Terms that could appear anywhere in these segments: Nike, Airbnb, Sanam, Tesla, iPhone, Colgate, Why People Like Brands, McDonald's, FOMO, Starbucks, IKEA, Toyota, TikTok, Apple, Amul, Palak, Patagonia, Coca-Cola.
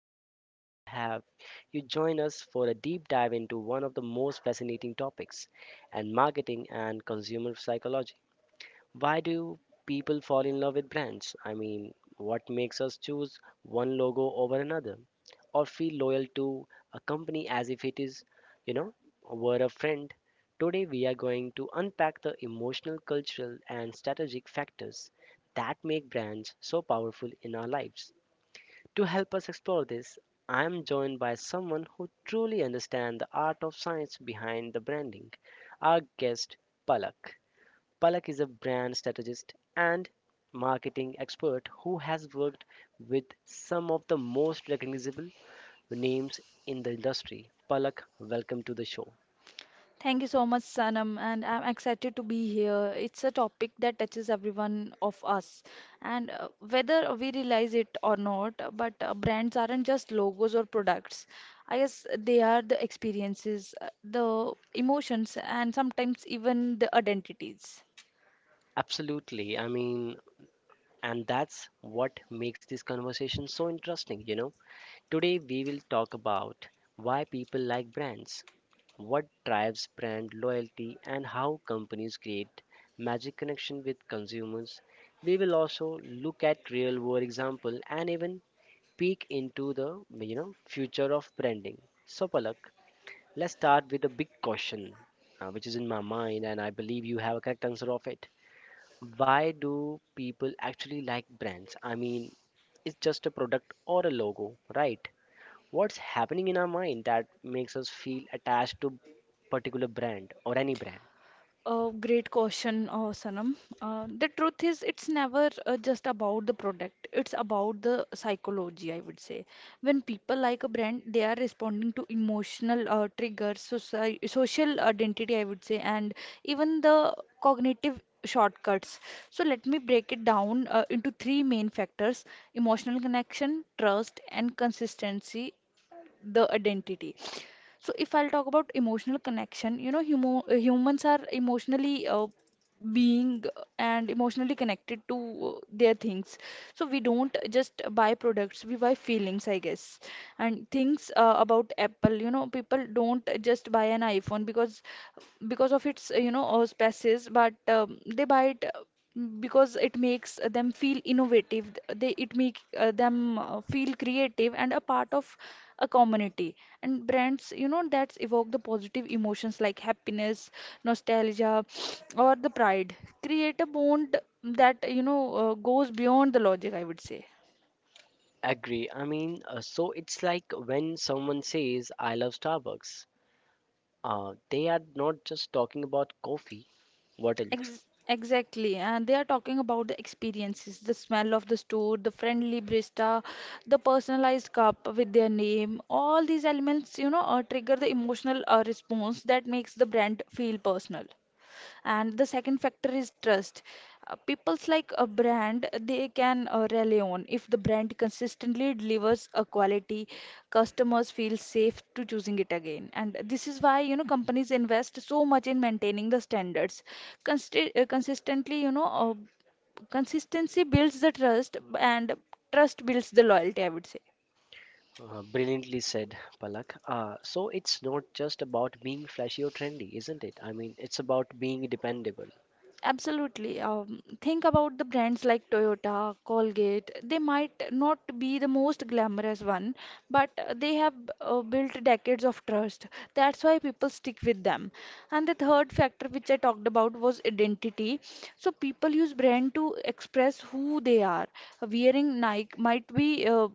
and I'm thrilled to have you join us for a deep dive into one of the most fascinating topics and marketing and consumer psychology. Why do people fall in love with brands? What makes us choose one logo over another or feel loyal to a company as if it is, you know, were a friend? Today, we are going to unpack the emotional, cultural, and strategic factors that make brands so powerful in our lives. To help us explore this, I am joined by someone who truly understands the art of science behind the branding, our guest, Palak. Palak is a brand strategist and marketing expert who has worked with some of the most recognizable names in the industry. Palak, welcome to the show. Thank you so much, Sanam, and I'm excited to be here. It's a topic that touches everyone of us, and whether we realize it or not, but brands aren't just logos or products. I guess they are the experiences, the emotions, and sometimes even the identities. Absolutely. And that's what makes this conversation so interesting, you know. Today, we will talk about why people like brands, what drives brand loyalty, and how companies create magic connection with consumers. We will also look at real world example and even peek into the future of branding. So Palak, let's start with a big question, which is in my mind and I believe you have a correct answer of it. Why do people actually like brands? It's just a product or a logo, right? What's happening in our mind that makes us feel attached to particular brand or any brand? A great question, Sanam. The truth is, it's never just about the product. It's about the psychology, I would say. When people like a brand, they are responding to emotional triggers, social identity, I would say, and even the cognitive shortcuts. So let me break it down into three main factors: emotional connection, trust, and consistency the identity. So if I'll talk about emotional connection, you know, humo humans are emotionally being and emotionally connected to their things. So we don't just buy products, we buy feelings, I guess. And things about Apple, you know, people don't just buy an iPhone because of its, specs, but they buy it. Because it makes them feel innovative, they it make them feel creative and a part of a community. And brands, you know, that evoke the positive emotions like happiness, nostalgia or the pride, create a bond that, you know, goes beyond the logic, I would say. Agree. So it's like when someone says I love Starbucks, they are not just talking about coffee. What else? Ex exactly, and they are talking about the experiences, the smell of the store, the friendly barista, the personalized cup with their name. All these elements, you know, trigger the emotional response that makes the brand feel personal. And the second factor is trust. People's like a brand they can rely on. If the brand consistently delivers a quality, customers feel safe to choosing it again, and this is why, you know, companies invest so much in maintaining the standards. Consistently, you know, consistency builds the trust, and trust builds the loyalty, I would say. Brilliantly said, Palak. So it's not just about being flashy or trendy, isn't it? It's about being dependable. Absolutely. Think about the brands like Toyota, Colgate. They might not be the most glamorous one, but they have built decades of trust. That's why people stick with them. And the third factor which I talked about was identity. So people use brand to express who they are. Wearing Nike might be uh,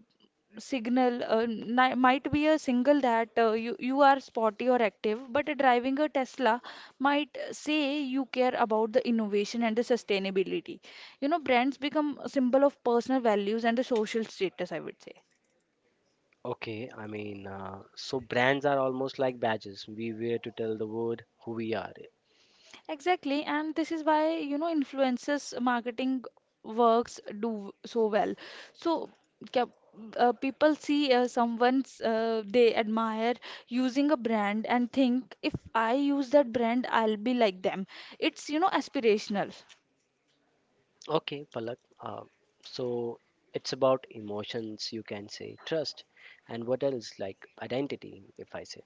signal uh, ni- might be a single that you are sporty or active, but driving a Tesla might say you care about the innovation and the sustainability. You know, brands become a symbol of personal values and the social status, I would say. Okay. So brands are almost like badges we wear to tell the world who we are. Exactly, and this is why, you know, influencers marketing works do so well. So, cap- people see someone's they admire using a brand and think, if I use that brand, I'll be like them. It's, you know, aspirational. Okay, Palak. So it's about emotions, you can say, trust, and what else, like identity, if I say.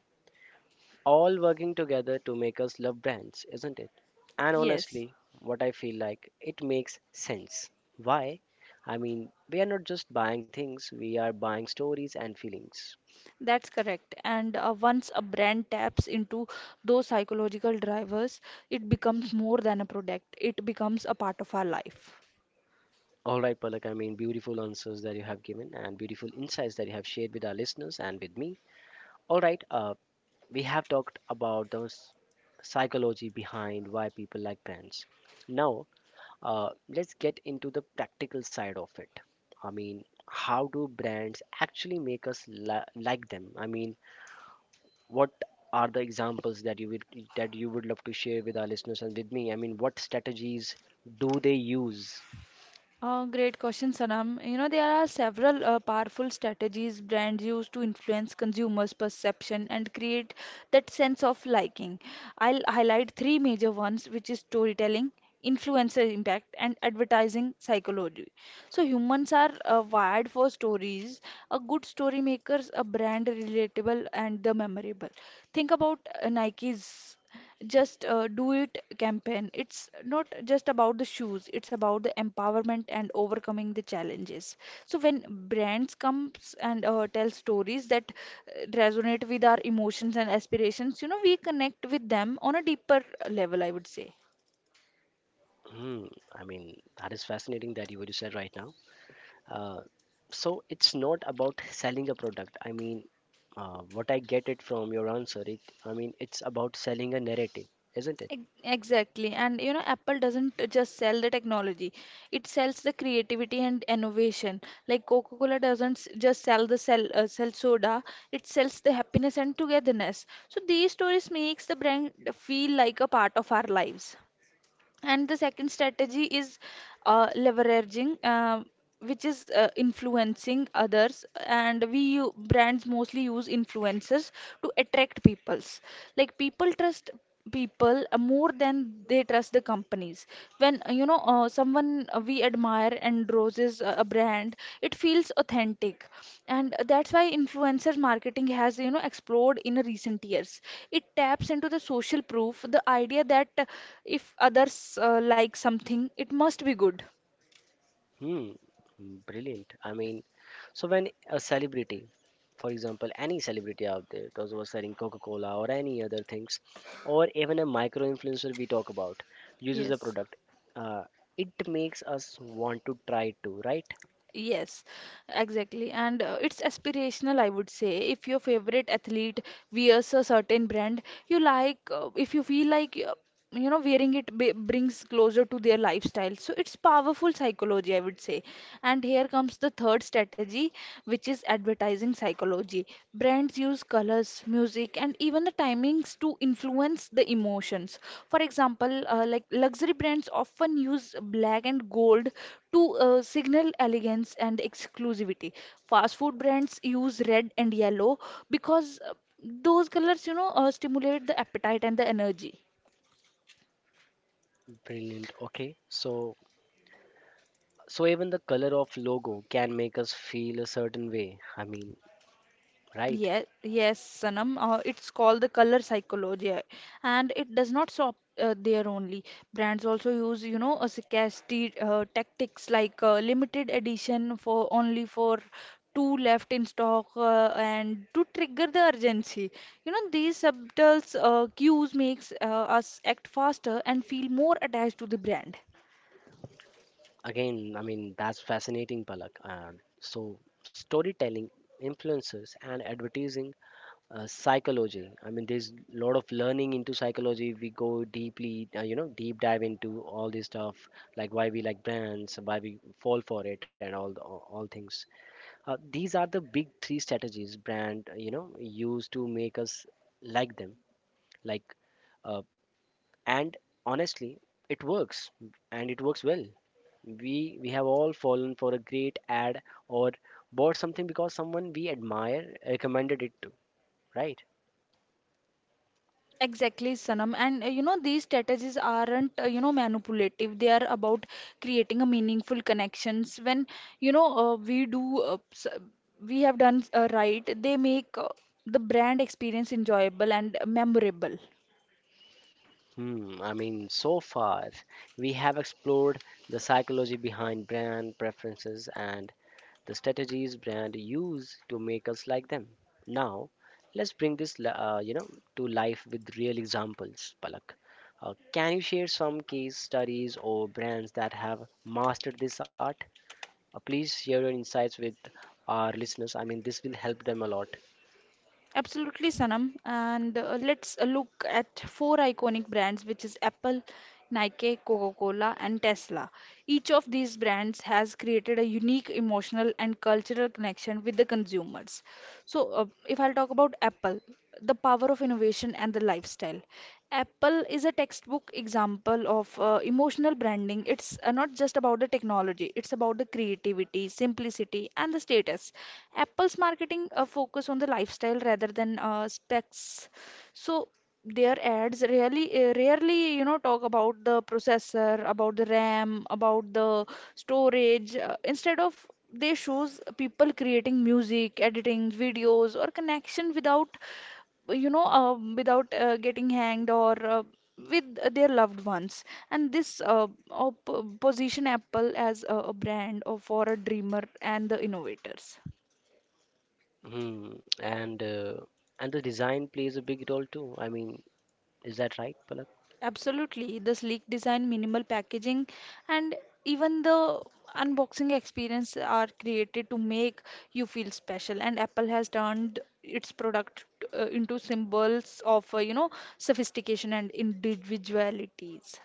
All working together to make us love brands, isn't it? And Yes. honestly, what I feel like, it makes sense. Why? I mean, we are not just buying things, we are buying stories and feelings. That's correct. And once a brand taps into those psychological drivers, it becomes more than a product, it becomes a part of our life. All right, Palak, I mean, beautiful answers that you have given and beautiful insights that you have shared with our listeners and with me. All right, we have talked about the psychology behind why people like brands. Now, let's get into the practical side of it. I mean, how do brands actually make us like them? I mean, what are the examples that you would love to share with our listeners and with me? I mean, what strategies do they use? Great question, Sanam. You know, there are several powerful strategies brands use to influence consumers' perception and create that sense of liking. I'll highlight three major ones, which is storytelling, influencer impact, and advertising psychology. So humans are wired for stories. A good story makes a brand relatable and the memorable. Think about Nike's just do it campaign. It's not just about the shoes, it's about the empowerment and overcoming the challenges. So when brands comes and tell stories that resonate with our emotions and aspirations, you know, we connect with them on a deeper level, I would say. Hmm, I mean, that is fascinating that you would said right now. Uh, so it's not about selling a product. I mean, what I get it from your answer, it's about selling a narrative, isn't it? Ex- Exactly. And you know, Apple doesn't just sell the technology, it sells the creativity and innovation. Like Coca-Cola doesn't just sell soda, it sells the happiness and togetherness. So these stories makes the brand feel like a part of our lives. And the second strategy is uh, leveraging, uh, which is influencing others. And brands mostly use influencers to attract peoples. Like people trust people more than they trust the companies. When someone we admire endorses a brand, it feels authentic, and that's why influencer marketing has, you know, exploded in recent years. It taps into the social proof, the idea that if others like something, it must be good. Hmm, brilliant. I mean, so when a celebrity, for example, any celebrity out there, those who are selling Coca-Cola or any other things, or even a micro-influencer we talk about, uses a Yes. product, uh, it makes us want to try to, right? Yes, exactly. And it's aspirational, I would say. If your favorite athlete wears a certain brand, you like, if you feel like you know, wearing it b brings closer to their lifestyle, so it's powerful psychology, I would say. And here comes the third strategy, which is advertising psychology. Brands use colors, music, and even the timings to influence the emotions. For example, like luxury brands often use black and gold to signal elegance and exclusivity. Fast food brands use red and yellow because those colors, you know, stimulate the appetite and the energy. Brilliant. Okay, so even the color of logo can make us feel a certain way. I mean, right? Yes, yes, Sanam. It's called the color psychology, and it does not stop there only. Brands also use, you know, a scarcity tactics like limited edition for only for two left in stock, and to trigger the urgency. You know, these subtle cues makes us act faster and feel more attached to the brand. Again, I mean that's fascinating, Palak. And so storytelling, influencers, and advertising psychology. I mean, there's a lot of learning into psychology. We go deeply, you know, deep dive into all this stuff, like why we like brands, why we fall for it, and all things. These are the big three strategies brand, you know, use to make us like them, like. Uh, and honestly it works and it works well. We have all fallen for a great ad or bought something because someone we admire recommended it to, right? Exactly, Sanam. And you know, these strategies aren't, you know, manipulative. They are about creating a meaningful connections. When, you know, we have done right, they make the brand experience enjoyable and memorable. Hmm, I mean, so far, we have explored the psychology behind brand preferences and the strategies brand use to make us like them. Now, let's bring this, you know, to life with real examples, Palak. Can you share some case studies or brands that have mastered this art? Please share your insights with our listeners. I mean, this will help them a lot. Absolutely, Sanam. And let's look at four iconic brands, which is Apple, Nike, Coca-Cola, and Tesla. Each of these brands has created a unique emotional and cultural connection with the consumers. So, if I'll talk about Apple, the power of innovation and the lifestyle. Apple is a textbook example of emotional branding. It's not just about the technology, it's about the creativity, simplicity, and the status. Apple's marketing focus on the lifestyle rather than specs. So their ads really rarely, you know, talk about the processor, about the RAM, about the storage. Instead of, they shows people creating music, editing videos, or connection without, you know, without getting hanged or with their loved ones. And this position Apple as a brand of, for a dreamer and the innovators. Hmm, and uh, and the design plays a big role too. I mean, is that right, Palak? Absolutely, the sleek design, minimal packaging, and even the unboxing experience are created to make you feel special. And Apple has turned its product into symbols of, you know, sophistication and individualities.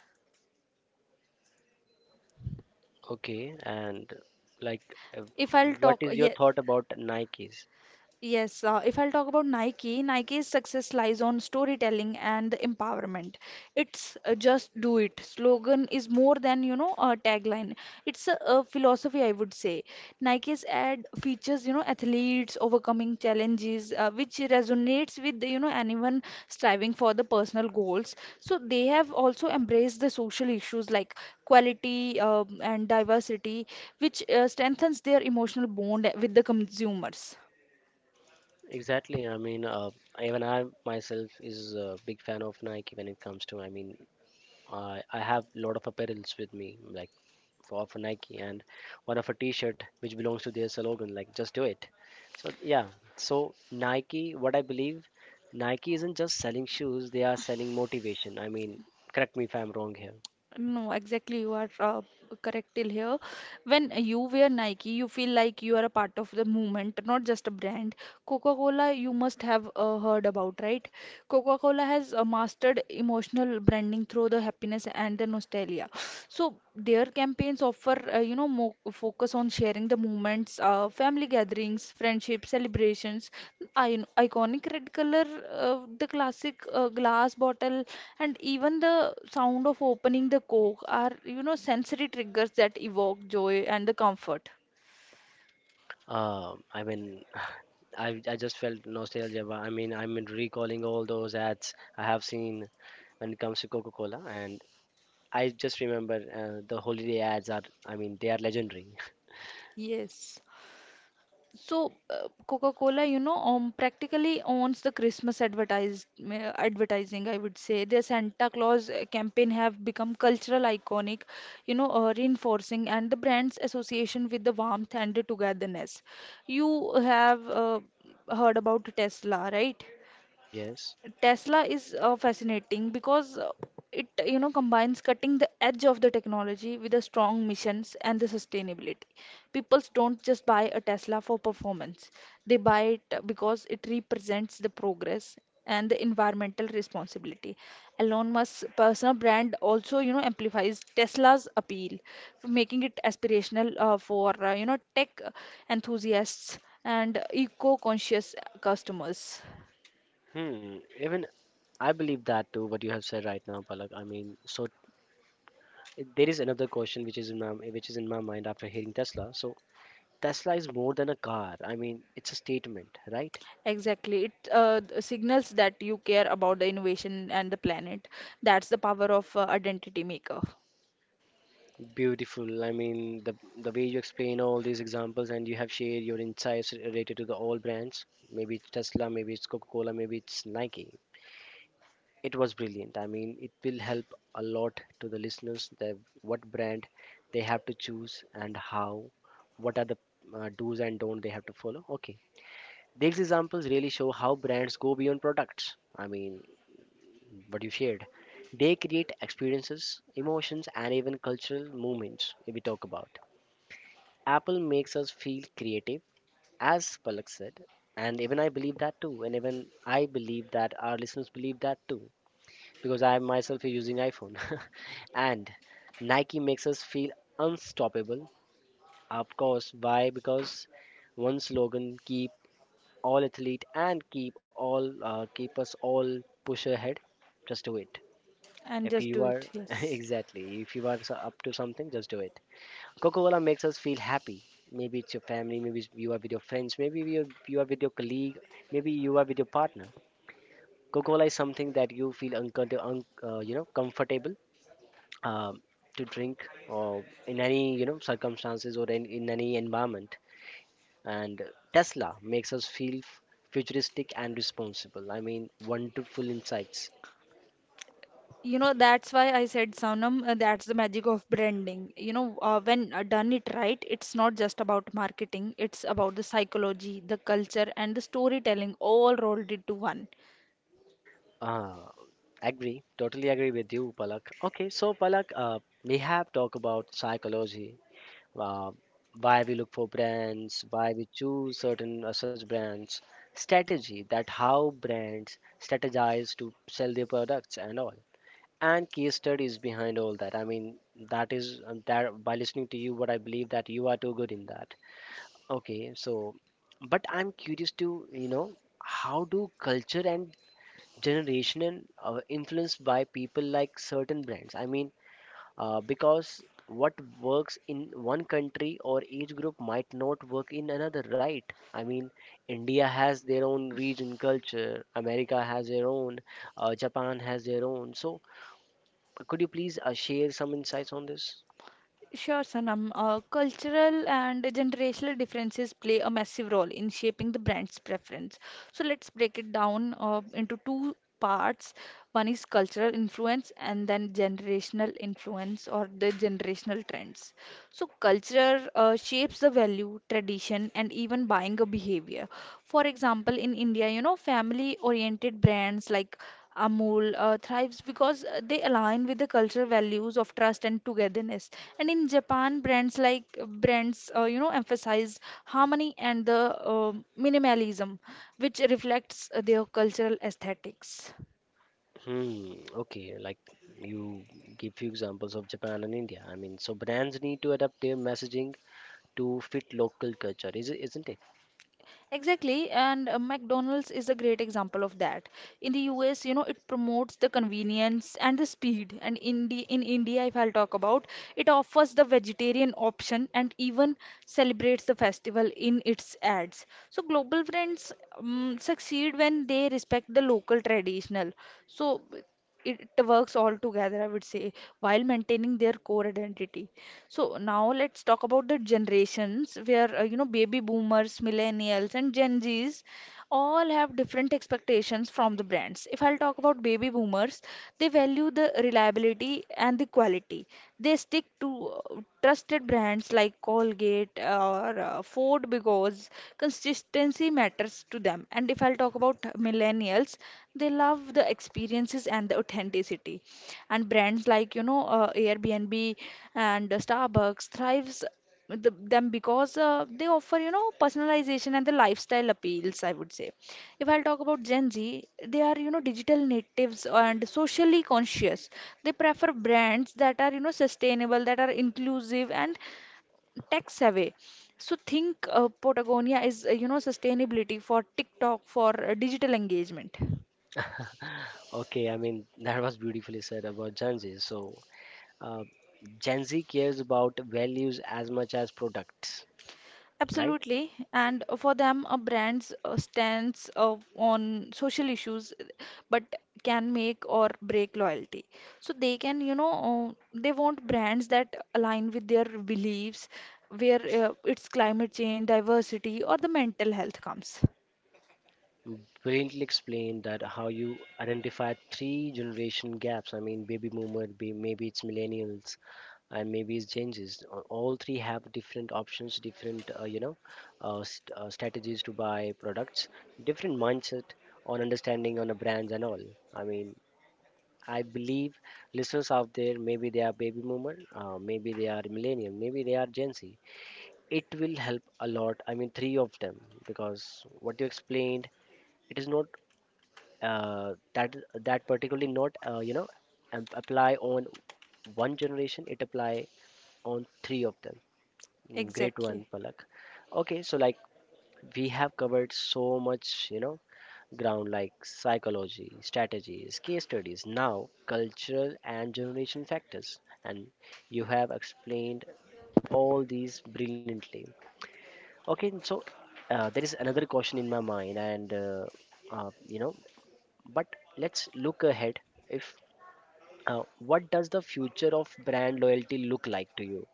Okay, and like, uh, If I'll what talk, is your yeah, thought about Nikes? Yes, if I'll talk about Nike, Nike's success lies on storytelling and the empowerment. It's just do it. Slogan is more than, you know, a tagline. It's a philosophy, I would say. Nike's ad features, you know, athletes overcoming challenges, which resonates with, you know, anyone striving for the personal goals. So they have also embraced the social issues like quality and diversity, which strengthens their emotional bond with the consumers. Exactly. Even I myself is a big fan of Nike when it comes to. I mean, I have a lot of apparels with me, like for Nike, and one of a T-shirt which belongs to their slogan, like "Just do it." So yeah, so Nike, what I believe, Nike isn't just selling shoes; they are selling motivation. I mean, correct me if I'm wrong here. No, exactly. You are correct till here. When you wear Nike, you feel like you are a part of the movement, not just a brand. Coca-Cola, you must have heard about, right? Coca-Cola has mastered emotional branding through the happiness and the nostalgia. So their campaigns offer, you know, more focus on sharing the moments, family gatherings, friendship, celebrations. I Iconic red color, the classic glass bottle, and even the sound of opening the coke are, you know, sensory triggers that evoke joy and the comfort. I mean, I just felt nostalgia, but I mean, I'm recalling all those ads I have seen when it comes to Coca-Cola, and I just remember the holiday ads are. I mean, they are legendary. Yes. So, Coca-Cola, you know, practically owns the Christmas advertise advertising, I would say. Their Santa Claus campaign have become cultural iconic, you know, reinforcing and the brand's association with the warmth and the togetherness. You have heard about Tesla, right? Yes. Tesla is fascinating because it, you know, combines cutting the edge of the technology with the strong missions and the sustainability. People don't just buy a Tesla for performance. They buy it because it represents the progress and the environmental responsibility. Elon Musk's personal brand also, you know, amplifies Tesla's appeal, making it aspirational for, you know, tech enthusiasts and eco-conscious customers. Hmm. Even I believe that too. What you have said right now, Palak. I mean, there is another question which is in my mind after hearing Tesla. So Tesla is more than a car. I mean, it's a statement, right? Exactly. It signals that you care about the innovation and the planet. That's the power of identity maker. Beautiful. I mean, the way you explain all these examples and you have shared your insights related to the all brands. Maybe it's Tesla, maybe it's Coca-Cola, maybe it's Nike. It was brilliant. I mean, it will help a lot to the listeners that what brand they have to choose and how, what are the do's and don't they have to follow. Okay. These examples really show how brands go beyond products. I mean, what you shared. They create experiences, emotions, and even cultural movements, if we talk about. Apple makes us feel creative, as Palak said. And even I believe that too. And even I believe that our listeners believe that too. Because I myself is using iPhone. and Nike makes us feel unstoppable. Of course, why? Because one slogan keep all athlete and keep all keep us all push ahead. Just do it. And If just do you are it, yes. exactly if you are up to something, just do it. Coca Cola makes us feel happy. Maybe it's your family, maybe you are with your friends, maybe you are with your colleague, maybe you are with your partner. Coca Cola is something that you feel uncomfortable, you know, comfortable um, to drink or in any you know circumstances or in any environment. And Tesla makes us feel futuristic and responsible. I mean, wonderful insights. You know, that's why I said, Sanam, that's the magic of branding. You know, when done it right, it's not just about marketing, it's about the psychology, the culture, and the storytelling all rolled into one. Uh, agree, totally agree with you, Palak. Okay, so Palak, we have talked about psychology, uh, why we look for brands, why we choose certain such brands, strategy that how brands strategize to sell their products and all, and case studies behind all that. I mean, that is that by listening to you, what I believe that you are too good in that. Okay, so, but I'm curious to you know how do culture and generation influenced by people like certain brands. I mean, because what works in one country or age group might not work in another, right? I mean, India has their own region culture, America has their own, Japan has their own. So could you please share some insights on this? Sure, Sanam. Cultural and generational differences play a massive role in shaping the brand's preference. So let's break it down into two parts. One is cultural influence and then generational influence or the generational trends. So culture shapes the value, tradition, and even buying a behavior. For example, in India, you know, family-oriented brands like Amul thrives because they align with the cultural values of trust and togetherness. And in Japan, brands you know, emphasize harmony and the minimalism, which reflects their cultural aesthetics. Hmm. Okay. Like you give few examples of Japan and India. I mean, so brands need to adapt their messaging to fit local culture, isn't it? Exactly, and McDonald's is a great example of that. In the US, you know, it promotes the convenience and the speed. And in India, if I'll talk about, it offers the vegetarian option and even celebrates the festival in its ads. So global brands succeed when they respect the local traditional. So it works all together, I would say, while maintaining their core identity. So now let's talk about the generations where, you know, baby boomers, millennials, and Gen Zs all have different expectations from the brands. If I'll talk about baby boomers, they value the reliability and the quality. They stick to trusted brands like Colgate or Ford because consistency matters to them. And if I'll talk about millennials, they love the experiences and the authenticity and brands like Airbnb and Starbucks thrives with them because they offer you know personalization and the lifestyle appeals I would say. If I'll talk about Gen Z, they are you know digital natives and socially conscious. They prefer brands that are you know sustainable, that are inclusive and tech savvy. So think Patagonia is you know sustainability for TikTok for digital engagement. Okay. I mean, that was beautifully said about Gen Z. So Uh, Gen Z cares about values as much as products, right? Absolutely, and for them, a brand's stance on social issues, but can make or break loyalty. So they can, you know, they want brands that align with their beliefs, where it's climate change, diversity, or the mental health comes. Brilliantly explained that how you identify three generation gaps. I mean, baby boomer, maybe it's millennials, and maybe it's Gen Zs. All three have different options, different you know strategies to buy products, different mindset on understanding on the brands and all. I mean, I believe listeners out there, maybe they are baby boomer, maybe they are millennial, maybe they are Gen Z. It will help a lot. I mean, three of them. Because what you explained, it is not uh, that that particularly not you know apply on one generation, it apply on three of them. Mm, great one, Exactly. Palak. Okay, so like we have covered so much, you know, ground, like psychology strategies, case studies, now cultural and generation factors, and you have explained all these brilliantly. Okay, so there is another question in my mind, and you know, but let's look ahead. If What does the future of brand loyalty look like to you?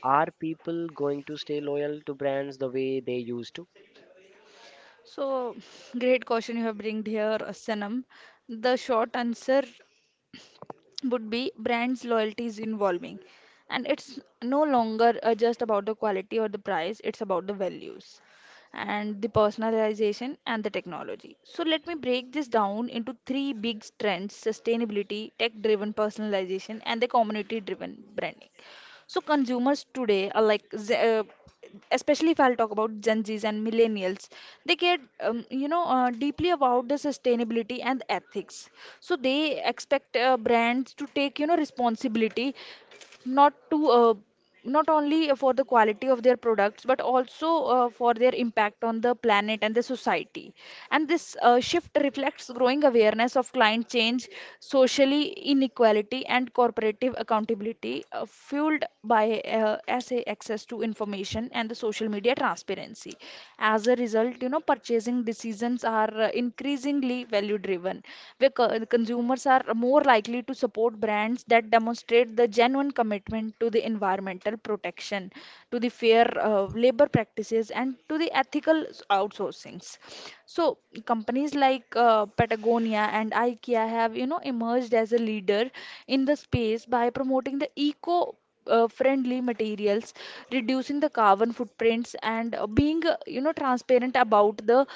Are people going to stay loyal to brands the way they used to? So, great question you have brought here, Sanam. The short answer would be brands loyalty is involving, and it's no longer just about the quality or the price. It's about the values and the personalization and the technology. So let me break this down into three big trends: sustainability, tech driven personalization, and the community driven branding. So consumers today are especially if I'll talk about Gen Zs and millennials, they care, you know, deeply about the sustainability and ethics. So they expect brands to take, you know, responsibility not to uh, not only for the quality of their products but also for their impact on the planet and the society. And this shift reflects growing awareness of climate change, socially inequality, and corporative accountability, fueled by SA access to information and the social media transparency. As a result, you know, purchasing decisions are increasingly value driven, where consumers are more likely to support brands that demonstrate the genuine commitment to the environmental protection, to the fair labor practices, and to the ethical outsourcings. So companies like Patagonia and IKEA have, you know, emerged as a leader in the space by promoting the eco friendly materials, reducing the carbon footprints, and being you know transparent about the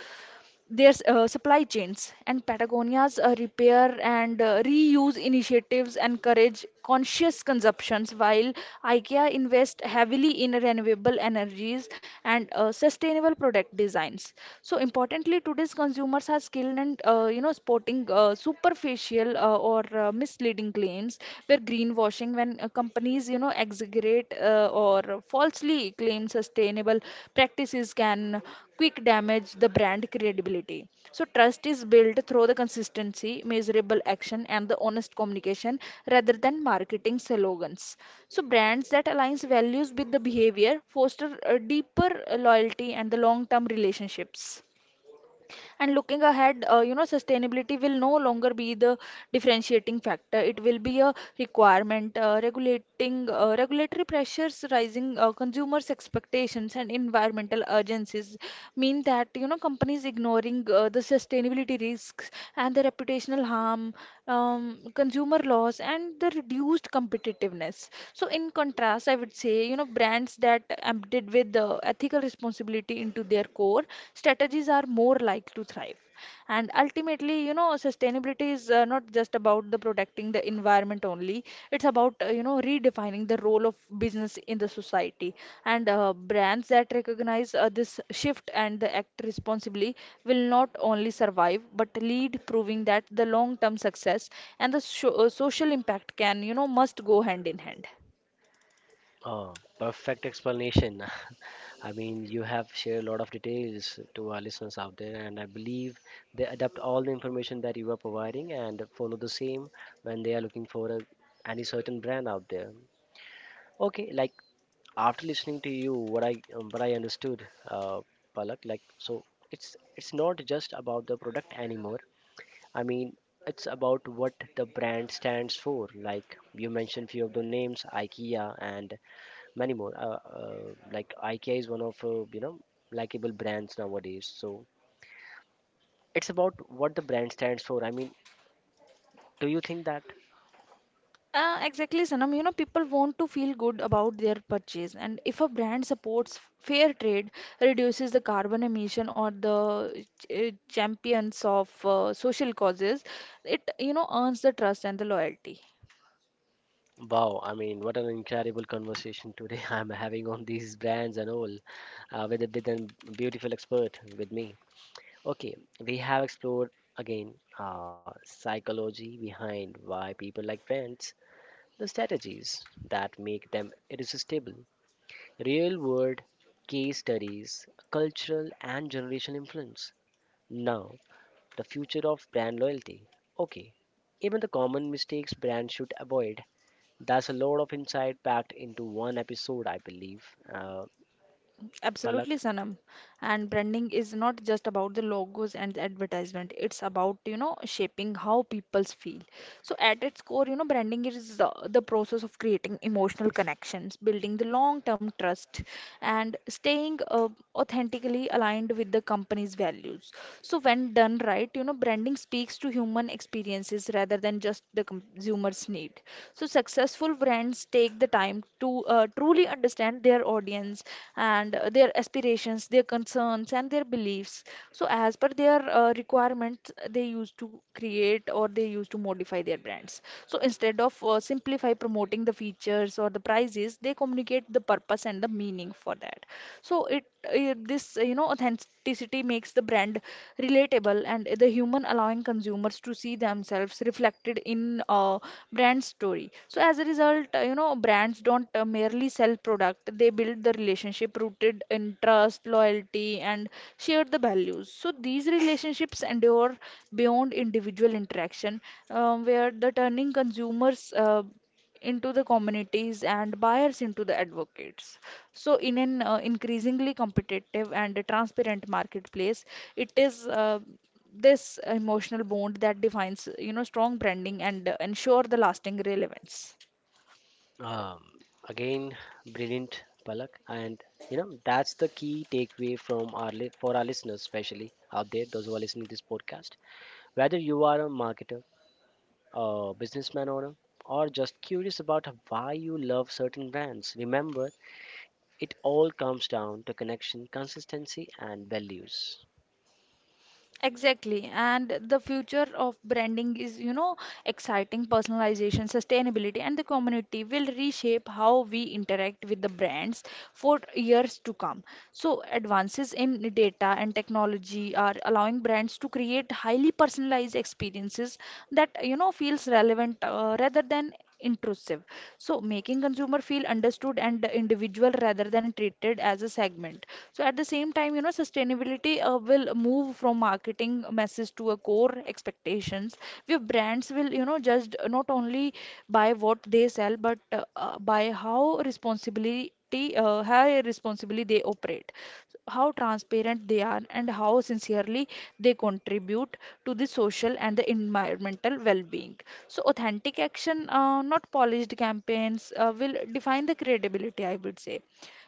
their uh, supply chains. And Patagonia's repair and reuse initiatives encourage conscious consumptions while IKEA invests heavily in renewable energies and sustainable product designs. So importantly, today's consumers are skilled and you know sporting superficial or misleading claims, where greenwashing, when companies, you know, exaggerate or falsely claim sustainable practices, can quick damage the brand credibility. So trust is built through the consistency, measurable action, and the honest communication rather than marketing slogans. So brands that aligns values with the behavior foster a deeper loyalty and the long-term relationships. And looking ahead, you know, sustainability will no longer be the differentiating factor. It will be a requirement. Regulating Regulatory pressures, rising consumers' expectations, and environmental urgencies mean that you know companies ignoring the sustainability risks and the reputational harm, um, consumer loss, and the reduced competitiveness. So, in contrast, I would say, you know, brands that embedded with the ethical responsibility into their core strategies are more likely to thrive. And ultimately, you know, sustainability is not just about the protecting the environment only. It's about, you know, redefining the role of business in the society. And brands that recognize this shift and the act responsibly will not only survive but lead, proving that the long-term success and the social impact can, you know, must go hand in hand. Oh, perfect explanation. I mean, you have shared a lot of details to our listeners out there, and I believe they adapt all the information that you are providing and follow the same when they are looking for a, any certain brand out there. Okay, like after listening to you, what I understood, Palak, like so, it's not just about the product anymore. I mean, it's about what the brand stands for. Like you mentioned, few of the names, IKEA and many more. Like IKEA is one of you know likable brands nowadays. So it's about what the brand stands for. I mean, do you think that? Exactly, Sanam. You know, people want to feel good about their purchase, and if a brand supports fair trade, reduces the carbon emission, or the champions of social causes, it you know earns the trust and the loyalty. Wow, I mean, what an incredible conversation today I'm having on these brands and all uh, with a beautiful expert with me. Okay, we have explored again psychology behind why people like brands, the strategies that make them irresistible, real world case studies, cultural and generational influence. Now, the future of brand loyalty. Okay, even the common mistakes brands should avoid, that's a lot of insight packed into one episode, I believe. Uh, Absolutely, Palak, Sanam. And branding is not just about the logos and the advertisement. It's about, you know, shaping how people feel. So at its core, you know, branding is the process of creating emotional connections, building the long-term trust, and staying authentically aligned with the company's values. So when done right, you know, branding speaks to human experiences rather than just the consumer's need. So successful brands take the time to truly understand their audience and their aspirations, their concerns, and their beliefs. So as per their requirements, they used to create or they used to modify their brands. So instead of simplify promoting the features or the prices, they communicate the purpose and the meaning for that. So it this you know authenticity makes the brand relatable and the human, allowing consumers to see themselves reflected in brand story. So as a result, you know, brands don't merely sell product. They build the relationship rooted in trust, loyalty, and share the values. So these relationships endure beyond individual interaction, where the turning consumers into the communities and buyers into the advocates. So, in an increasingly competitive and transparent marketplace, it is this emotional bond that defines, you know, strong branding and ensure the lasting relevance. um, again, brilliant, Palak, and you know that's the key takeaway from our for our listeners, especially out there, those who are listening to this podcast. Whether you are a marketer, a businessman owner, or just curious about why you love certain brands, remember it all comes down to connection, consistency, and values. Exactly. And the future of branding is, you know, exciting: personalization, sustainability, and the community will reshape how we interact with the brands for years to come. So, advances in data and technology are allowing brands to create highly personalized experiences that, you know, feels relevant rather than intrusive. So, making consumer feel understood and individual rather than treated as a segment. So at the same time, you know, sustainability will move from marketing message to a core expectations, where brands will, you know, judged not only by what they sell, but by how responsibly they operate, how transparent they are, and how sincerely they contribute to the social and the environmental well-being. So, authentic action, not polished campaigns, will define the credibility, I would say.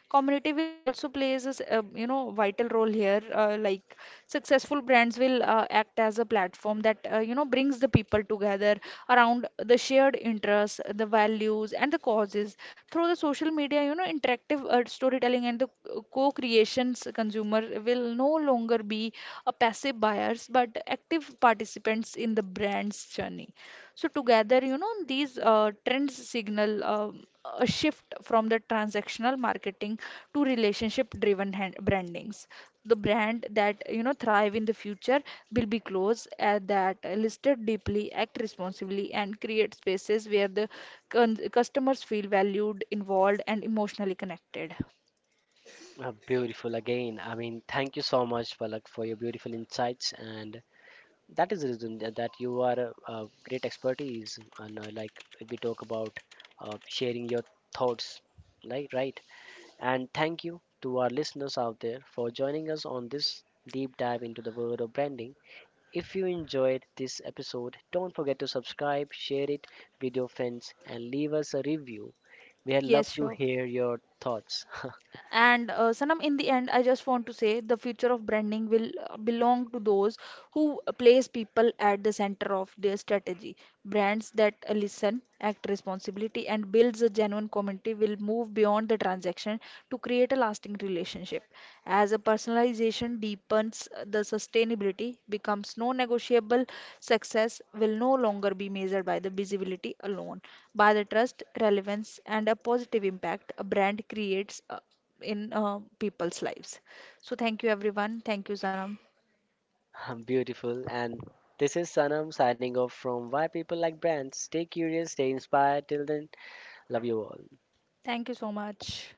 Community will also plays a you know vital role here, like successful brands will act as a platform that you know brings the people together around the shared interests, the values, and the causes. Through the social media, you know, interactive storytelling and the co-creations, consumer will no longer be a passive buyers but active participants in the brand's journey. So together, you know, these trends signal a shift from the transactional marketing to relationship-driven hand brandings. The brand that, you know, thrive in the future will be close that listed deeply, act responsibly, and create spaces where the con customers feel valued, involved, and emotionally connected. Beautiful again. I mean, thank you so much, Palak, for your beautiful insights and that is the reason that you are a great expertise, and like we talk about sharing your thoughts, like right. And thank you to our listeners out there for joining us on this deep dive into the world of branding. If you enjoyed this episode, don't forget to subscribe, share it with your friends, and leave us a review. We'd love Yes, to sure. hear your thoughts. And Sanam, in the end, I just want to say the future of branding will belong to those who place people at the center of their strategy. Brands that listen, act responsibly, and builds a genuine community will move beyond the transaction to create a lasting relationship. As a personalization deepens, the sustainability becomes non-negotiable. Success will no longer be measured by the visibility alone, by the trust, relevance, and a positive impact a brand creates in people's lives. So thank you everyone. Thank you, Sanam. Beautiful. And this is Sanam signing off from Why People Like Brands. Stay curious, stay inspired. Till then. Love you all. Thank you so much.